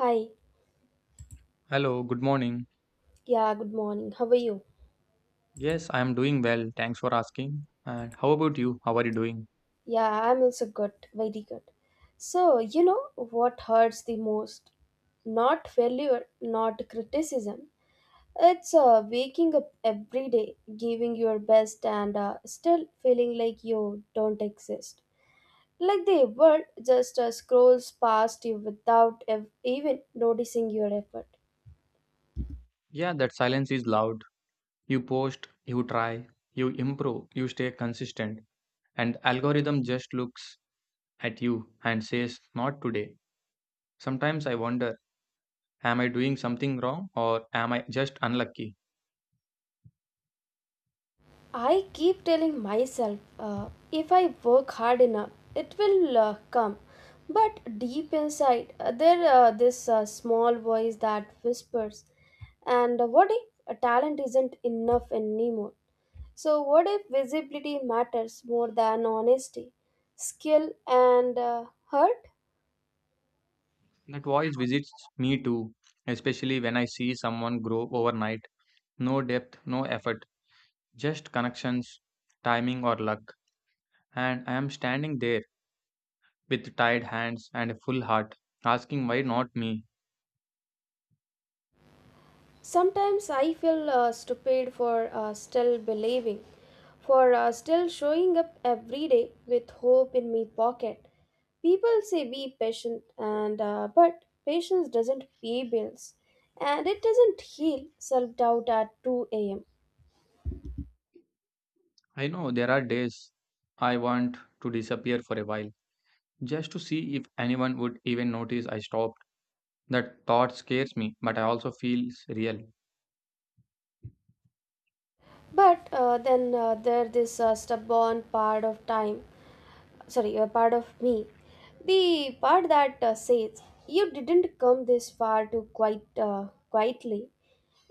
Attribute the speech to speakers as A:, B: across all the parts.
A: Hi.
B: Hello, good morning.
A: Yeah, good morning. How are you?
B: Yes, I am doing well. Thanks for asking. And how about you? How are you doing?
A: Yeah, I'm also good. Very good. So, you know what hurts the most? Not failure, not criticism. It's waking up every day, giving your best, and still feeling like you don't exist. Like the world just scrolls past you without even noticing your effort.
B: Yeah, that silence is loud. You post, you try, you improve, you stay consistent, and algorithm just looks at you and says, "Not today." Sometimes I wonder, am I doing something wrong or am I just unlucky?
A: I keep telling myself if I work hard enough, it will come. But deep inside, there this small voice that whispers, and what if a talent isn't enough anymore? So, what if visibility matters more than honesty, skill, and hurt?
B: That voice visits me too, especially when I see someone grow overnight. No depth, no effort, just connections, timing or luck. And I am standing there with tired hands and a full heart, asking why not me.
A: Sometimes I feel stupid for still believing, for still showing up every day with hope in my pocket. People say be patient, and but patience doesn't pay bills, and it doesn't heal self-doubt at 2 a.m.
B: I know there are days I want to disappear for a while, just to see if anyone would even notice I stopped. That thought scares me, but I also feels real.
A: But then there this stubborn part of time, sorry, a part of me, the part that says you didn't come this far to quite quietly.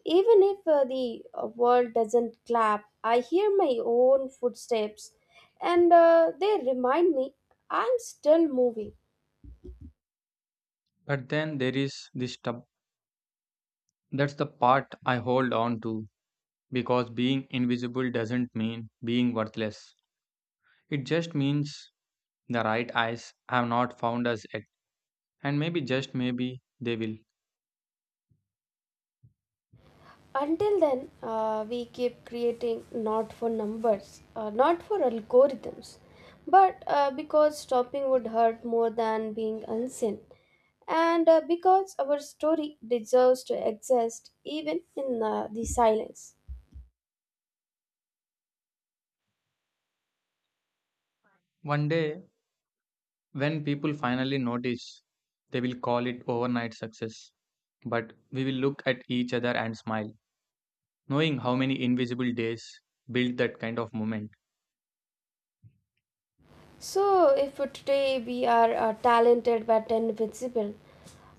A: Even if the world doesn't clap, I hear my own footsteps and they remind me I'm still moving.
B: But then there is this stub. That's the part I hold on to because being invisible doesn't mean being worthless. It just means the right eyes have not found us yet, and maybe just maybe they will.
A: Until then, we keep creating not for numbers, not for algorithms, but because stopping would hurt more than being unseen, and because our story deserves to exist even in the silence.
B: One day, when people finally notice, they will call it overnight success. But we will look at each other and smile, knowing how many invisible days build that kind of moment.
A: So, if today we are talented but invisible,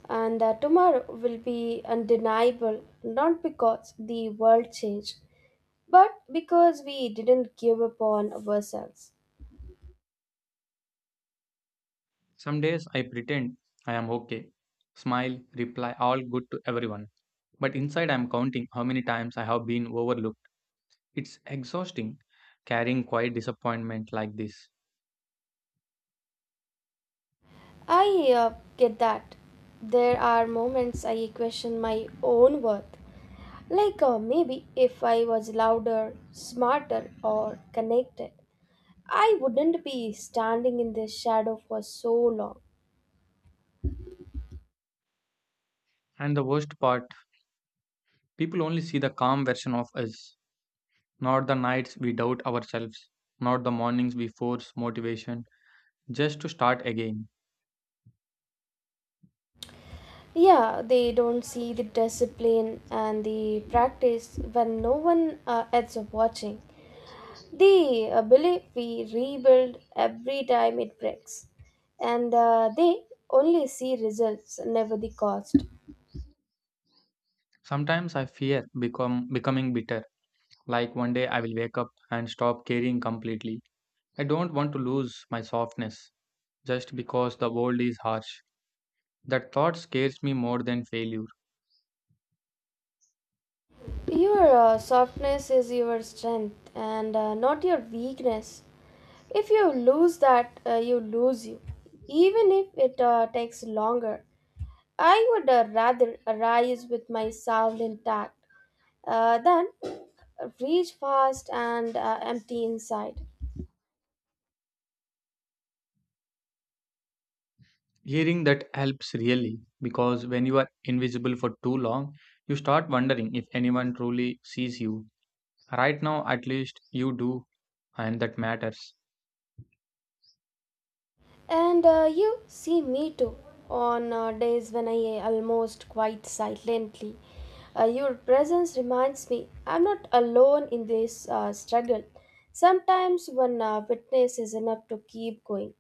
A: and tomorrow will be undeniable, not because the world changed, but because we didn't give up on ourselves.
B: Some days I pretend I am okay, smile, reply all good to everyone. But inside I am counting how many times I have been overlooked. It's exhausting carrying quiet disappointment like this.
A: I get that. There are moments I question my own worth. Like maybe if I was louder, smarter, or connected, I wouldn't be standing in this shadow for so long.
B: And the worst part, people only see the calm version of us. Not the nights we doubt ourselves, not the mornings we force motivation just to start again.
A: Yeah, they don't see the discipline and the practice when no one else is watching. They believe we rebuild every time it breaks, and they only see results, never the cost.
B: Sometimes I fear become becoming bitter, like one day I will wake up and stop caring completely. I don't want to lose my softness just because the world is harsh. That thought scares me more than failure.
A: Your softness is your strength and not your weakness. If you lose that, you lose you, even if it takes longer. I would rather arise with my soul intact then reach fast and empty inside.
B: Hearing that helps really because when you are invisible for too long, you start wondering if anyone truly sees you. Right now, at least, you do, and that matters.
A: And you see me too on days when I almost quite silently. Your presence reminds me I'm not alone in this struggle. Sometimes one witness is enough to keep going.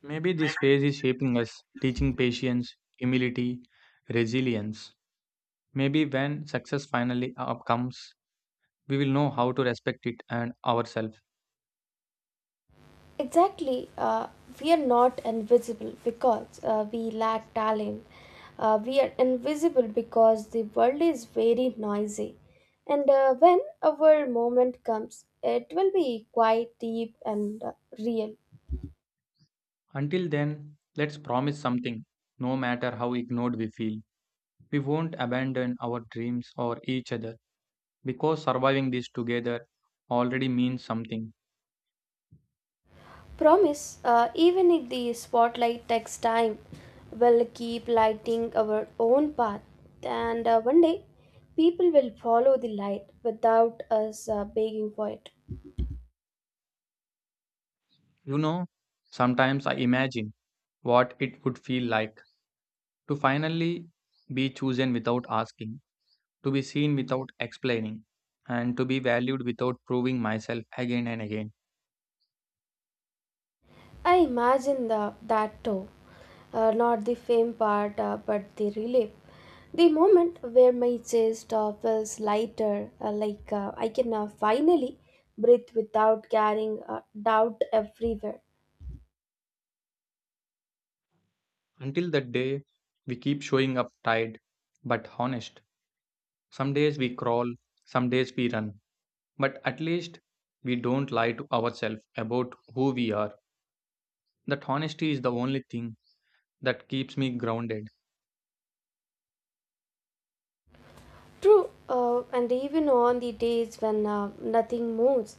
B: Maybe this phase is shaping us, teaching patience, humility, resilience. Maybe when success finally up comes, we will know how to respect it and ourselves.
A: Exactly. We are not invisible because we lack talent. We are invisible because the world is very noisy. And when our moment comes, it will be quite deep and real.
B: Until then, let's promise something, no matter how ignored we feel. We won't abandon our dreams or each other because surviving this together already means something.
A: Promise, even if the spotlight takes time, we'll keep lighting our own path. And one day, people will follow the light without us begging for it.
B: You know, sometimes I imagine what it would feel like to finally be chosen without asking, to be seen without explaining, and to be valued without proving myself again and again.
A: I imagine that too. Not the fame part, but the relief. The moment where my chest feels lighter, like I can finally breathe without carrying doubt everywhere.
B: Until that day, we keep showing up tired but honest. Some days we crawl, some days we run, but at least we don't lie to ourselves about who we are. That honesty is the only thing that keeps me grounded.
A: True, and even on the days when nothing moves,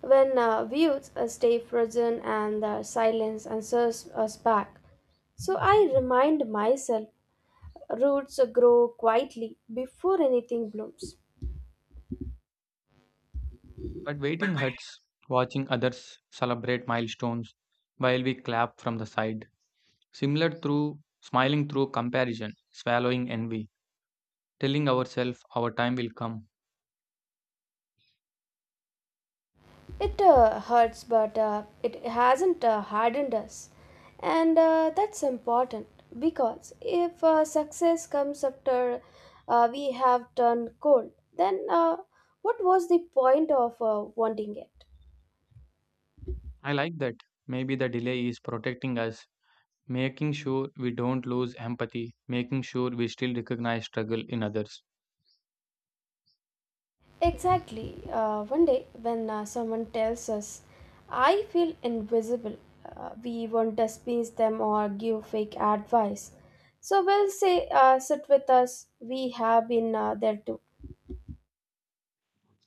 A: when views stay frozen and silence answers us back. So I remind myself roots grow quietly before anything blooms.
B: But waiting hurts, watching others celebrate milestones while we clap from the side, similar through smiling through comparison, swallowing envy, telling ourselves our time will come.
A: It hurts, but it hasn't hardened us. And that's important because if success comes after we have turned cold, then what was the point of wanting it?
B: I like that. Maybe the delay is protecting us, making sure we don't lose empathy, making sure we still recognize struggle in others.
A: Exactly. One day, when someone tells us, I feel invisible, we won't dismiss them or give fake advice. So we'll say, sit with us, we have been there too.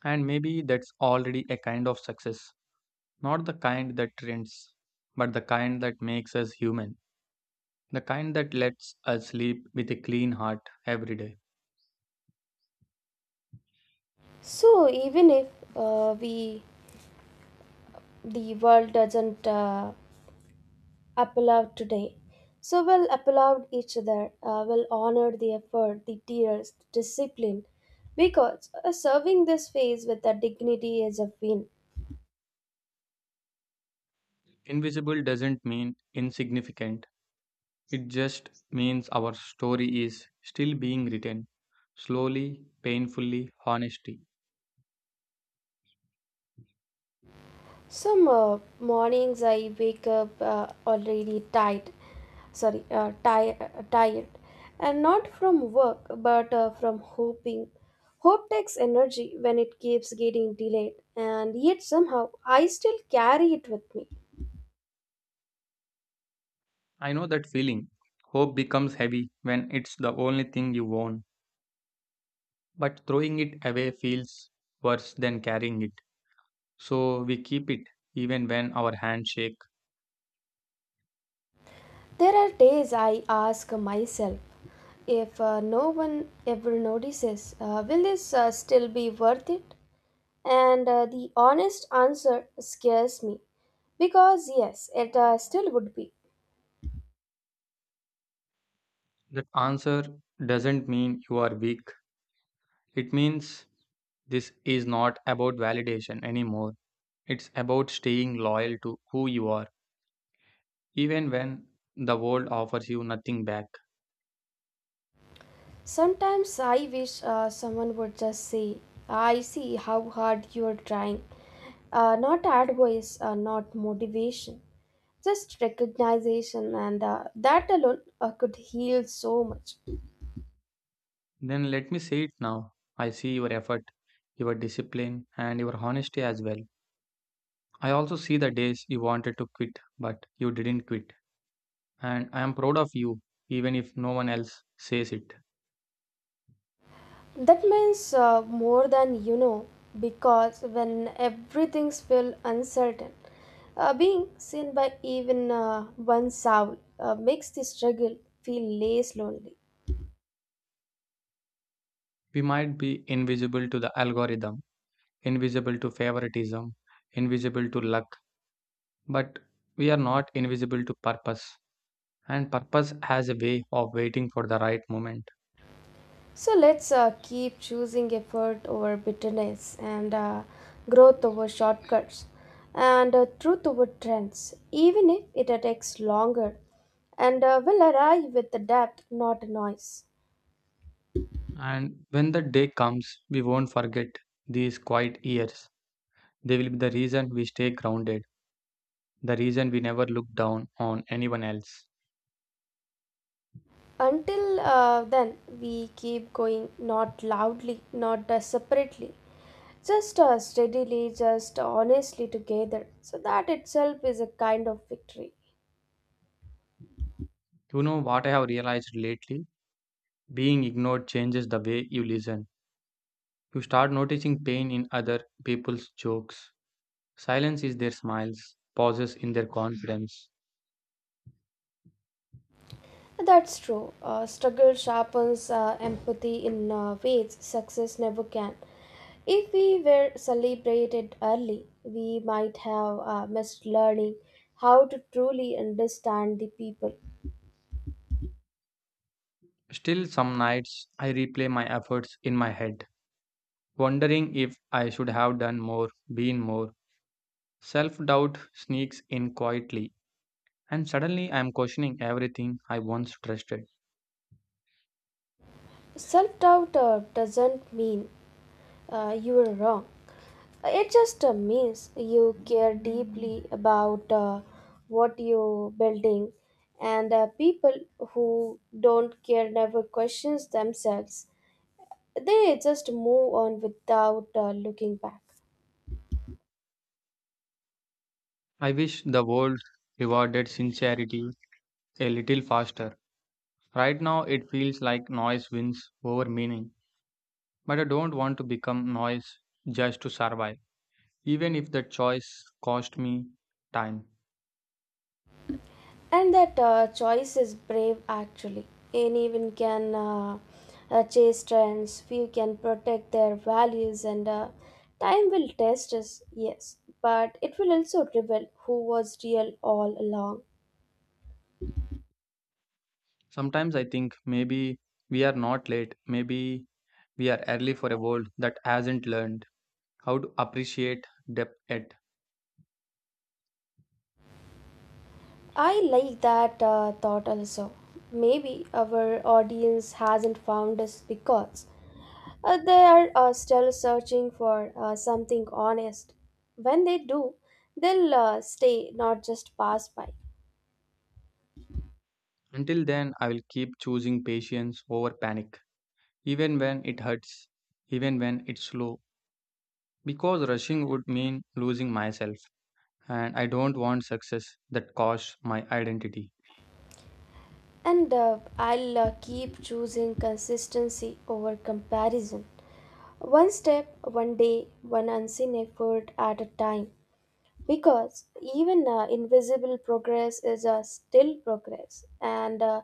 B: And maybe that's already a kind of success. Not the kind that trends, but the kind that makes us human. The kind that lets us sleep with a clean heart every day.
A: So even if we the world doesn't applaud today, so we'll applaud each other. We'll honor the effort, the tears, the discipline, because serving this phase with a dignity is a win.
B: Invisible doesn't mean insignificant, it just means our story is still being written slowly, painfully, honestly.
A: Some mornings I wake up already tired, tired, and not from work but from hoping. Hope takes energy when it keeps getting delayed, and yet somehow I still carry it with me.
B: I know that feeling. Hope becomes heavy when it's the only thing you own, but throwing it away feels worse than carrying it. So we keep it even when our hands shake.
A: There are days I ask myself if no one ever notices, will this still be worth it? And the honest answer scares me because yes, it still would be.
B: That answer doesn't mean you are weak. It means this is not about validation anymore. It's about staying loyal to who you are, even when the world offers you nothing back.
A: Sometimes I wish someone would just say, I see how hard you are trying. Not advice, not motivation, just recognition, and that alone could heal so much.
B: Then let me say it now. I see your effort, your discipline, and your honesty as well. I also see the days you wanted to quit, but you didn't quit. And I am proud of you, even if no one else says it.
A: That means more than you know, because when everything's feel uncertain, being seen by even one soul makes the struggle feel less lonely.
B: We might be invisible to the algorithm, invisible to favoritism, invisible to luck, but we are not invisible to purpose. And purpose has a way of waiting for the right moment.
A: So let's keep choosing effort over bitterness and growth over shortcuts and truth over trends, even if it takes longer and will arrive with the depth, not noise.
B: And when the day comes, we won't forget these quiet years. They will be the reason we stay grounded, the reason we never look down on anyone else.
A: Until then, we keep going not loudly, not separately, just steadily, just honestly together. So that itself is a kind of victory.
B: You know what I have realized lately? Being ignored changes the way you listen. You start noticing pain in other people's jokes. Silence is their smiles, pauses in their confidence.
A: That's true. Struggle sharpens empathy in ways success never can. If we were celebrated early, we might have missed learning how to truly understand the people.
B: Still, some nights I replay my efforts in my head, wondering if I should have done more, been more. Self doubt sneaks in quietly, and suddenly I am questioning everything I once trusted.
A: Self doubt doesn't mean you are wrong, it just means you care deeply about what you're building, and people who don't care never questions themselves. They just move on without looking back.
B: I wish the world rewarded sincerity a little faster. Right now, it feels like noise wins over meaning, but I don't want to become noise just to survive, even if that choice cost me time.
A: And that choice is brave actually. Anyone can chase trends, few can protect their values, and time will test us, yes, but it will also reveal who was real all along.
B: Sometimes I think maybe we are not late, maybe we are early for a world that hasn't learned how to appreciate depth yet.
A: I like that thought also. Maybe our audience hasn't found us because they are still searching for something honest. When they do, they'll stay, not just pass by.
B: Until then, I will keep choosing patience over panic, even when it hurts, even when it's slow, because rushing would mean losing myself. And I don't want success that costs my identity.
A: And I'll keep choosing consistency over comparison. One step, one day, one unseen effort at a time. Because even invisible progress is still progress. And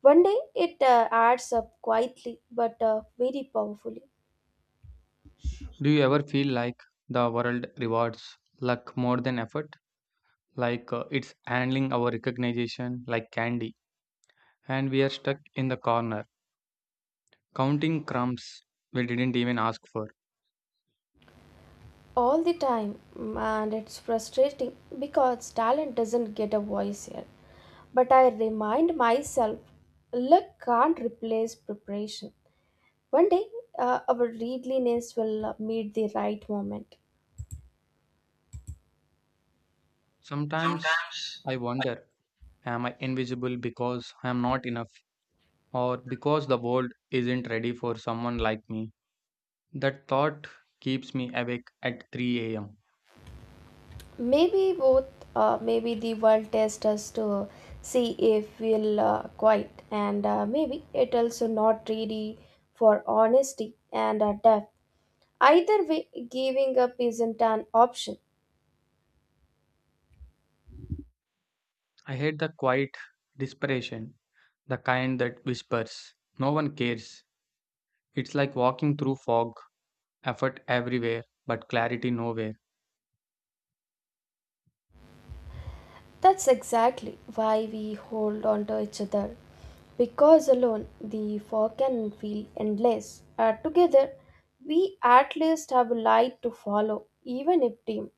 A: one day it adds up quietly but very powerfully.
B: Do you ever feel like the world rewards luck more than effort? Like, it's handling our recognition like candy, and we are stuck in the corner counting crumbs we didn't even ask for.
A: All the time, and it's frustrating because talent doesn't get a voice here, but I remind myself luck can't replace preparation. One day our readiness will meet the right moment.
B: Sometimes
A: Sometimes
B: I wonder, am I invisible because I am not enough, or because the world isn't ready for someone like me? That thought keeps me awake at 3 a.m.
A: maybe both, maybe the world tests us to see if we'll quit, and maybe it also not ready for honesty and depth. Either way, giving up isn't an option.
B: I hate the quiet desperation, the kind that whispers, "No one cares." It's like walking through fog, effort everywhere, but clarity nowhere.
A: That's exactly why we hold on to each other. Because alone the fog can feel endless. Together, we at least have a light to follow, even if dim.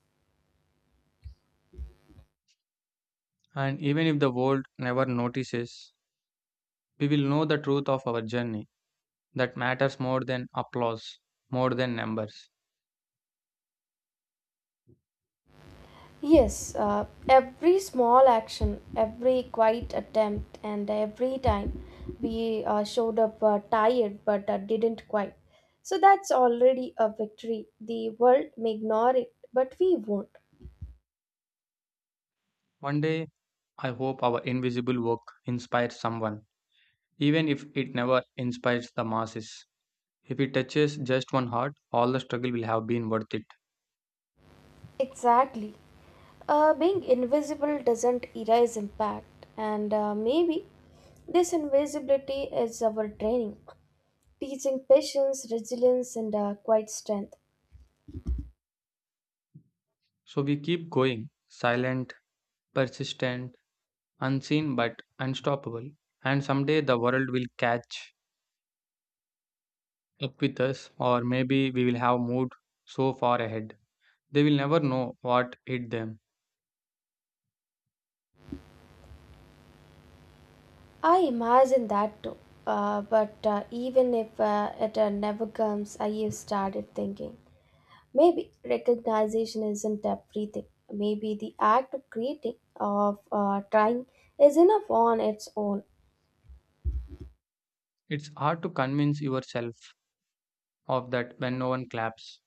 B: And even if the world never notices, we will know the truth of our journey that matters more than applause, more than numbers.
A: Yes, every small action, every quiet attempt, and every time we showed up tired but didn't quite. So that's already a victory. The world may ignore it, but we won't.
B: One day, I hope our invisible work inspires someone, even if it never inspires the masses. If it touches just one heart, all the struggle will have been worth it.
A: Exactly. Being invisible doesn't erase impact, and maybe this invisibility is our training, teaching patience, resilience, and quite strength.
B: So we keep going, silent, persistent, unseen but unstoppable. And someday the world will catch up with us, or maybe we will have moved so far ahead they will never know what hit them.
A: I imagine that too. But even if it never comes, I have started thinking maybe recognition isn't everything. Maybe the act of creating, of trying, is enough on its own.
B: It's hard to convince yourself of that when no one claps,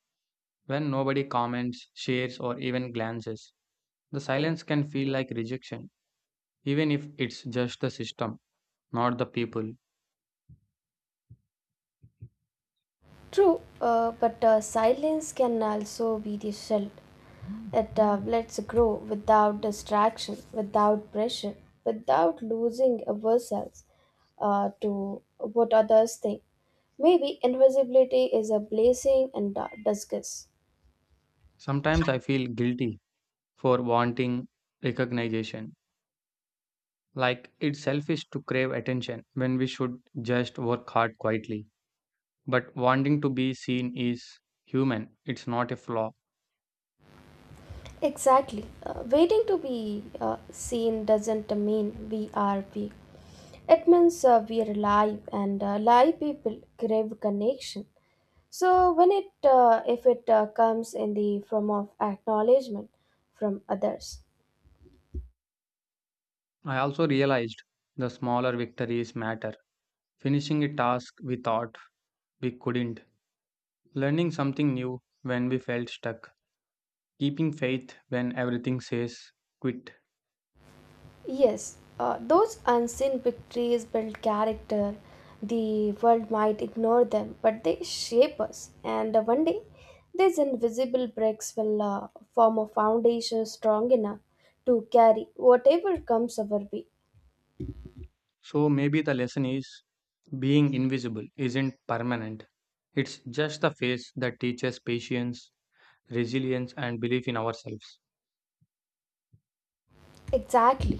B: when nobody comments, shares, or even glances. The silence can feel like rejection, even if it's just the system, not the people.
A: True, but silence can also be the shield. It lets grow without distraction, without pressure, without losing ourselves to what others think. Maybe invisibility is a blessing and a disguise.
B: Sometimes I feel guilty for wanting recognition, like it's selfish to crave attention when we should just work hard quietly. But wanting to be seen is human, it's not a flaw.
A: Exactly. Waiting to be seen doesn't mean we are weak. It means we are alive, and live people crave connection. So when it, if it comes in the form of acknowledgement from others,
B: I also realized the smaller victories matter. Finishing a task we thought we couldn't, learning something new when we felt stuck, keeping faith when everything says quit.
A: Yes, those unseen victories build character. The world might ignore them, but they shape us. And one day, these invisible bricks will form a foundation strong enough to carry whatever comes our way.
B: So maybe the lesson is being invisible isn't permanent. It's just the phase that teaches patience, resilience, and belief in ourselves.
A: Exactly.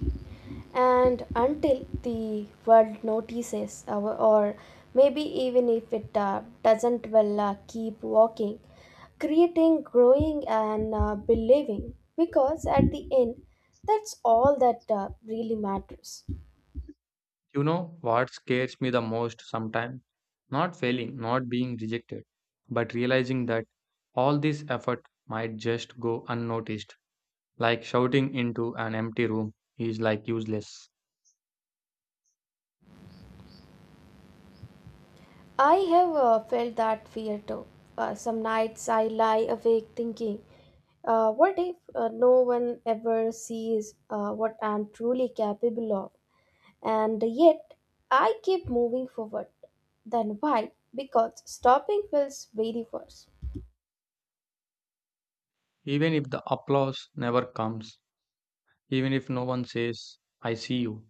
A: And until the world notices, or maybe even if it doesn't, well, keep walking, creating, growing, and believing. Because at the end, that's all that really matters.
B: You know what scares me the most sometimes? Not failing, not being rejected, but realizing that all this effort might just go unnoticed. Like shouting into an empty room is like useless.
A: I have felt that fear too. Some nights I lie awake thinking, what if no one ever sees what I'm truly capable of? And yet, I keep moving forward. Then why? Because stopping feels very worse.
B: Even if the applause never comes, even if no one says, "I see you,"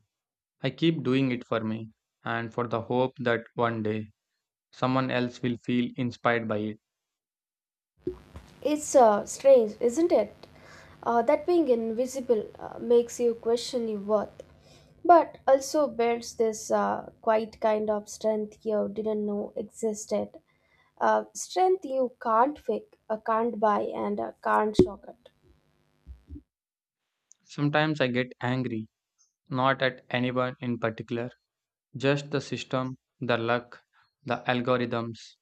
B: I keep doing it for me and for the hope that one day someone else will feel inspired by it.
A: It's strange, isn't it? That being invisible makes you question your worth, but also builds this quite kind of strength you didn't know existed. Strength you can't fake, can't buy, and can't shortcut.
B: Sometimes I get angry, not at anyone in particular, just the system, the luck, the algorithms,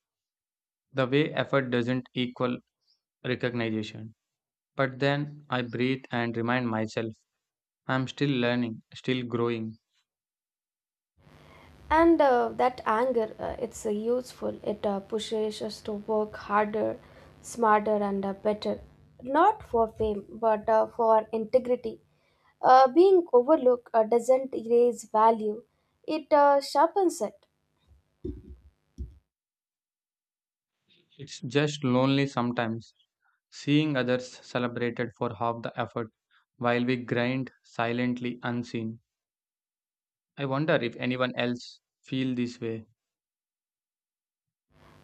B: the way effort doesn't equal recognition. But then I breathe and remind myself I'm still learning, still growing.
A: And that anger, it's useful. It pushes us to work harder, smarter, and better. Not for fame, but for integrity. Being overlooked doesn't erase value, it sharpens it.
B: It's just lonely sometimes, seeing others celebrated for half the effort while we grind silently unseen. I wonder if anyone else feel this way.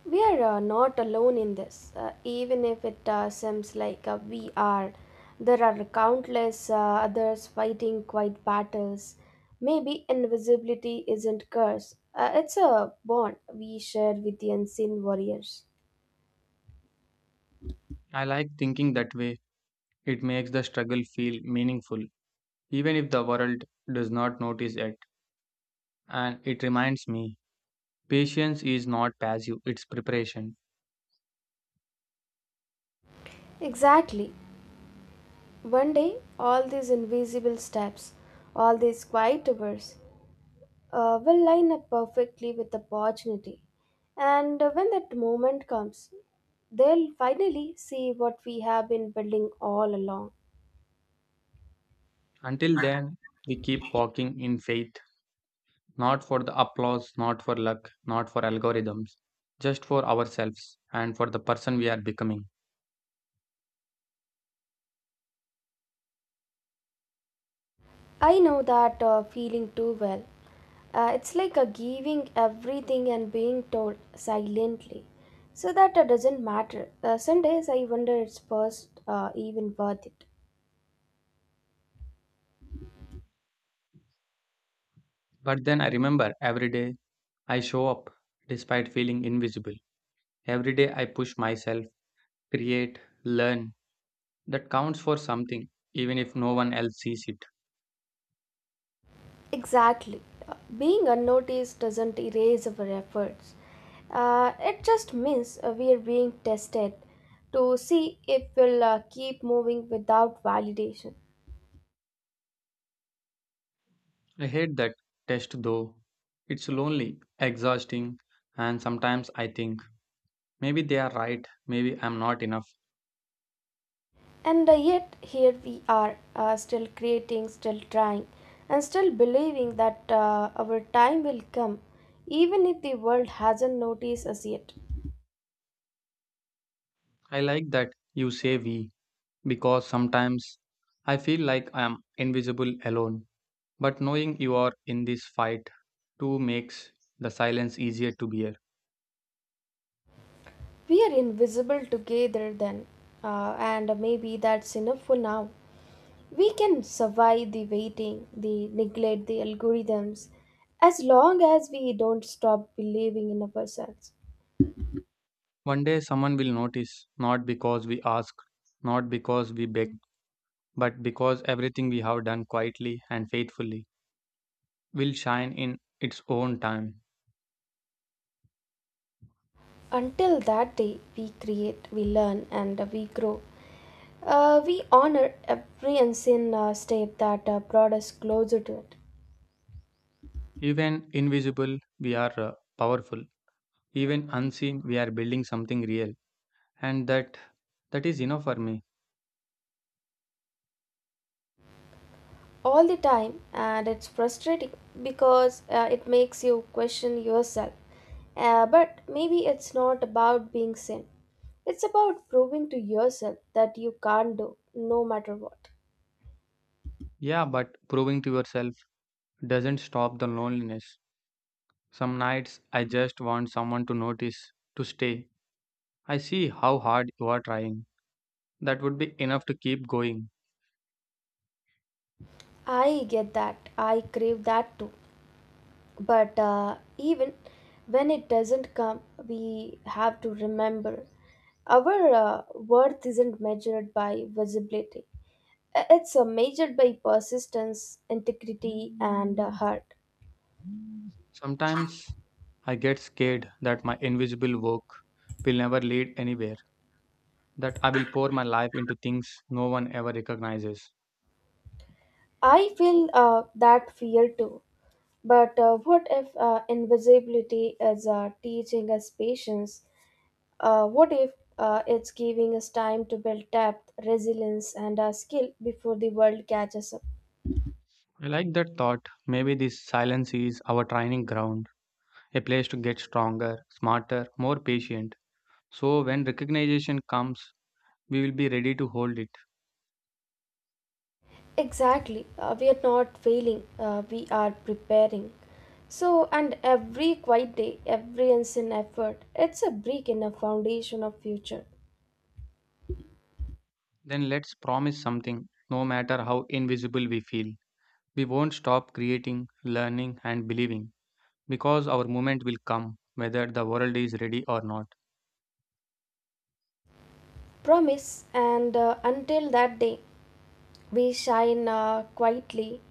A: We are not alone in this, even if it seems like we are. There are countless others fighting quiet battles. Maybe invisibility isn't curse. It's a bond we share with the unseen warriors.
B: I like thinking that way. It makes the struggle feel meaningful, even if the world does not notice it. And it reminds me, patience is not passive, it's preparation.
A: Exactly. One day, all these invisible steps, all these quiet hours, will line up perfectly with the opportunity. And when that moment comes, they'll finally see what we have been building all along.
B: Until then, we keep walking in faith, not for the applause, not for luck, not for algorithms, just for ourselves and for the person we are becoming.
A: I know that feeling too well. It's like a giving everything and being told silently. So that it doesn't matter. Some days I wonder it's first even worth it.
B: But then I remember every day I show up despite feeling invisible. Every day I push myself, create, learn. That counts for something, even if no one else sees it.
A: Exactly. Being unnoticed doesn't erase our efforts. It just means we are being tested to see if we'll keep moving without validation.
B: I hate that test though. It's lonely, exhausting, and sometimes I think maybe they are right, maybe I'm not enough.
A: And yet, here we are, still creating, still trying, and still believing that our time will come, even if the world hasn't noticed us yet.
B: I like that you say we, because sometimes I feel like I am invisible alone. But knowing you are in this fight too makes the silence easier to bear.
A: We are invisible together then, and maybe that's enough for now. We can survive the waiting, the neglect, the algorithms, as long as we don't stop believing in ourselves.
B: One day someone will notice, not because we ask, not because we beg, but because everything we have done quietly and faithfully will shine in its own time.
A: Until that day, we create, we learn, and we grow. We honor every unseen step that brought us closer to it.
B: Even invisible, we are powerful. Even unseen, we are building something real. And that, that is enough for me.
A: All the time, and it's frustrating because it makes you question yourself. But maybe it's not about being sane. It's about proving to yourself that you can't do no matter what.
B: Yeah, but proving to yourself doesn't stop the loneliness. Some nights I just want someone to notice, to stay. I see how hard you are trying. That would be enough to keep going.
A: I get that. I crave that too. But even when it doesn't come, we have to remember our worth isn't measured by visibility. It's measured by persistence, integrity, and heart.
B: Sometimes I get scared that my invisible work will never lead anywhere, that I will pour my life into things no one ever recognizes.
A: I feel that fear too. But what if invisibility is teaching us patience? What if it's giving us time to build depth, resilience, and skill before the world catches up?
B: I like that thought. Maybe this silence is our training ground, a place to get stronger, smarter, more patient. So when recognition comes, we will be ready to hold it.
A: Exactly. We are not failing, we are preparing. So, and every quiet day, every unseen effort, it's a brick in a foundation of future.
B: Then let's promise something, no matter how invisible we feel. We won't stop creating, learning, and believing because our moment will come, whether the world is ready or not.
A: Promise, and until that day, we shine quietly.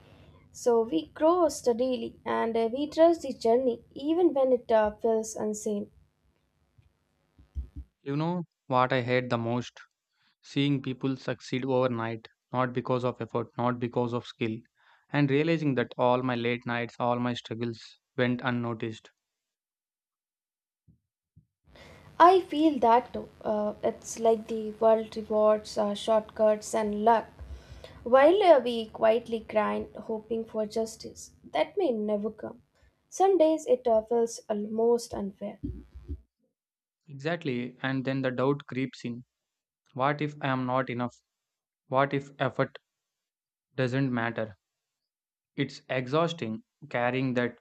A: So we grow steadily and we trust the journey even when it feels insane.
B: You know what I hate the most? Seeing people succeed overnight, not because of effort, not because of skill, and realizing that all my late nights, all my struggles went unnoticed.
A: I feel that too. It's like the world rewards shortcuts and luck, while we quietly grind hoping for justice that may never come. Some days it feels almost unfair.
B: Exactly, and then the doubt creeps in. What if I am not enough? What if effort doesn't matter? It's exhausting carrying that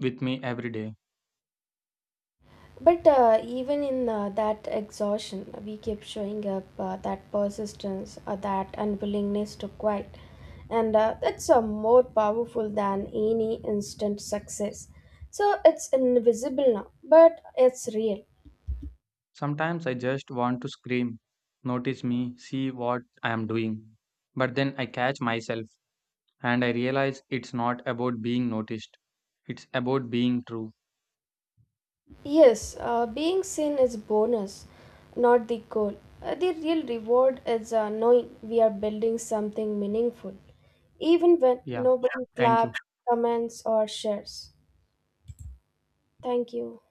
B: with me every day.
A: But even in that exhaustion, we kept showing up, that persistence, that unwillingness to quit. And that's more powerful than any instant success. So it's invisible now, but it's real.
B: Sometimes I just want to scream, notice me, see what I am doing. But then I catch myself and I realize it's not about being noticed, it's about being true.
A: Yes, being seen is bonus, not the goal. The real reward is knowing we are building something meaningful, even when
B: Yeah.
A: nobody
B: Thank you.
A: claps, comments, or shares. Thank you.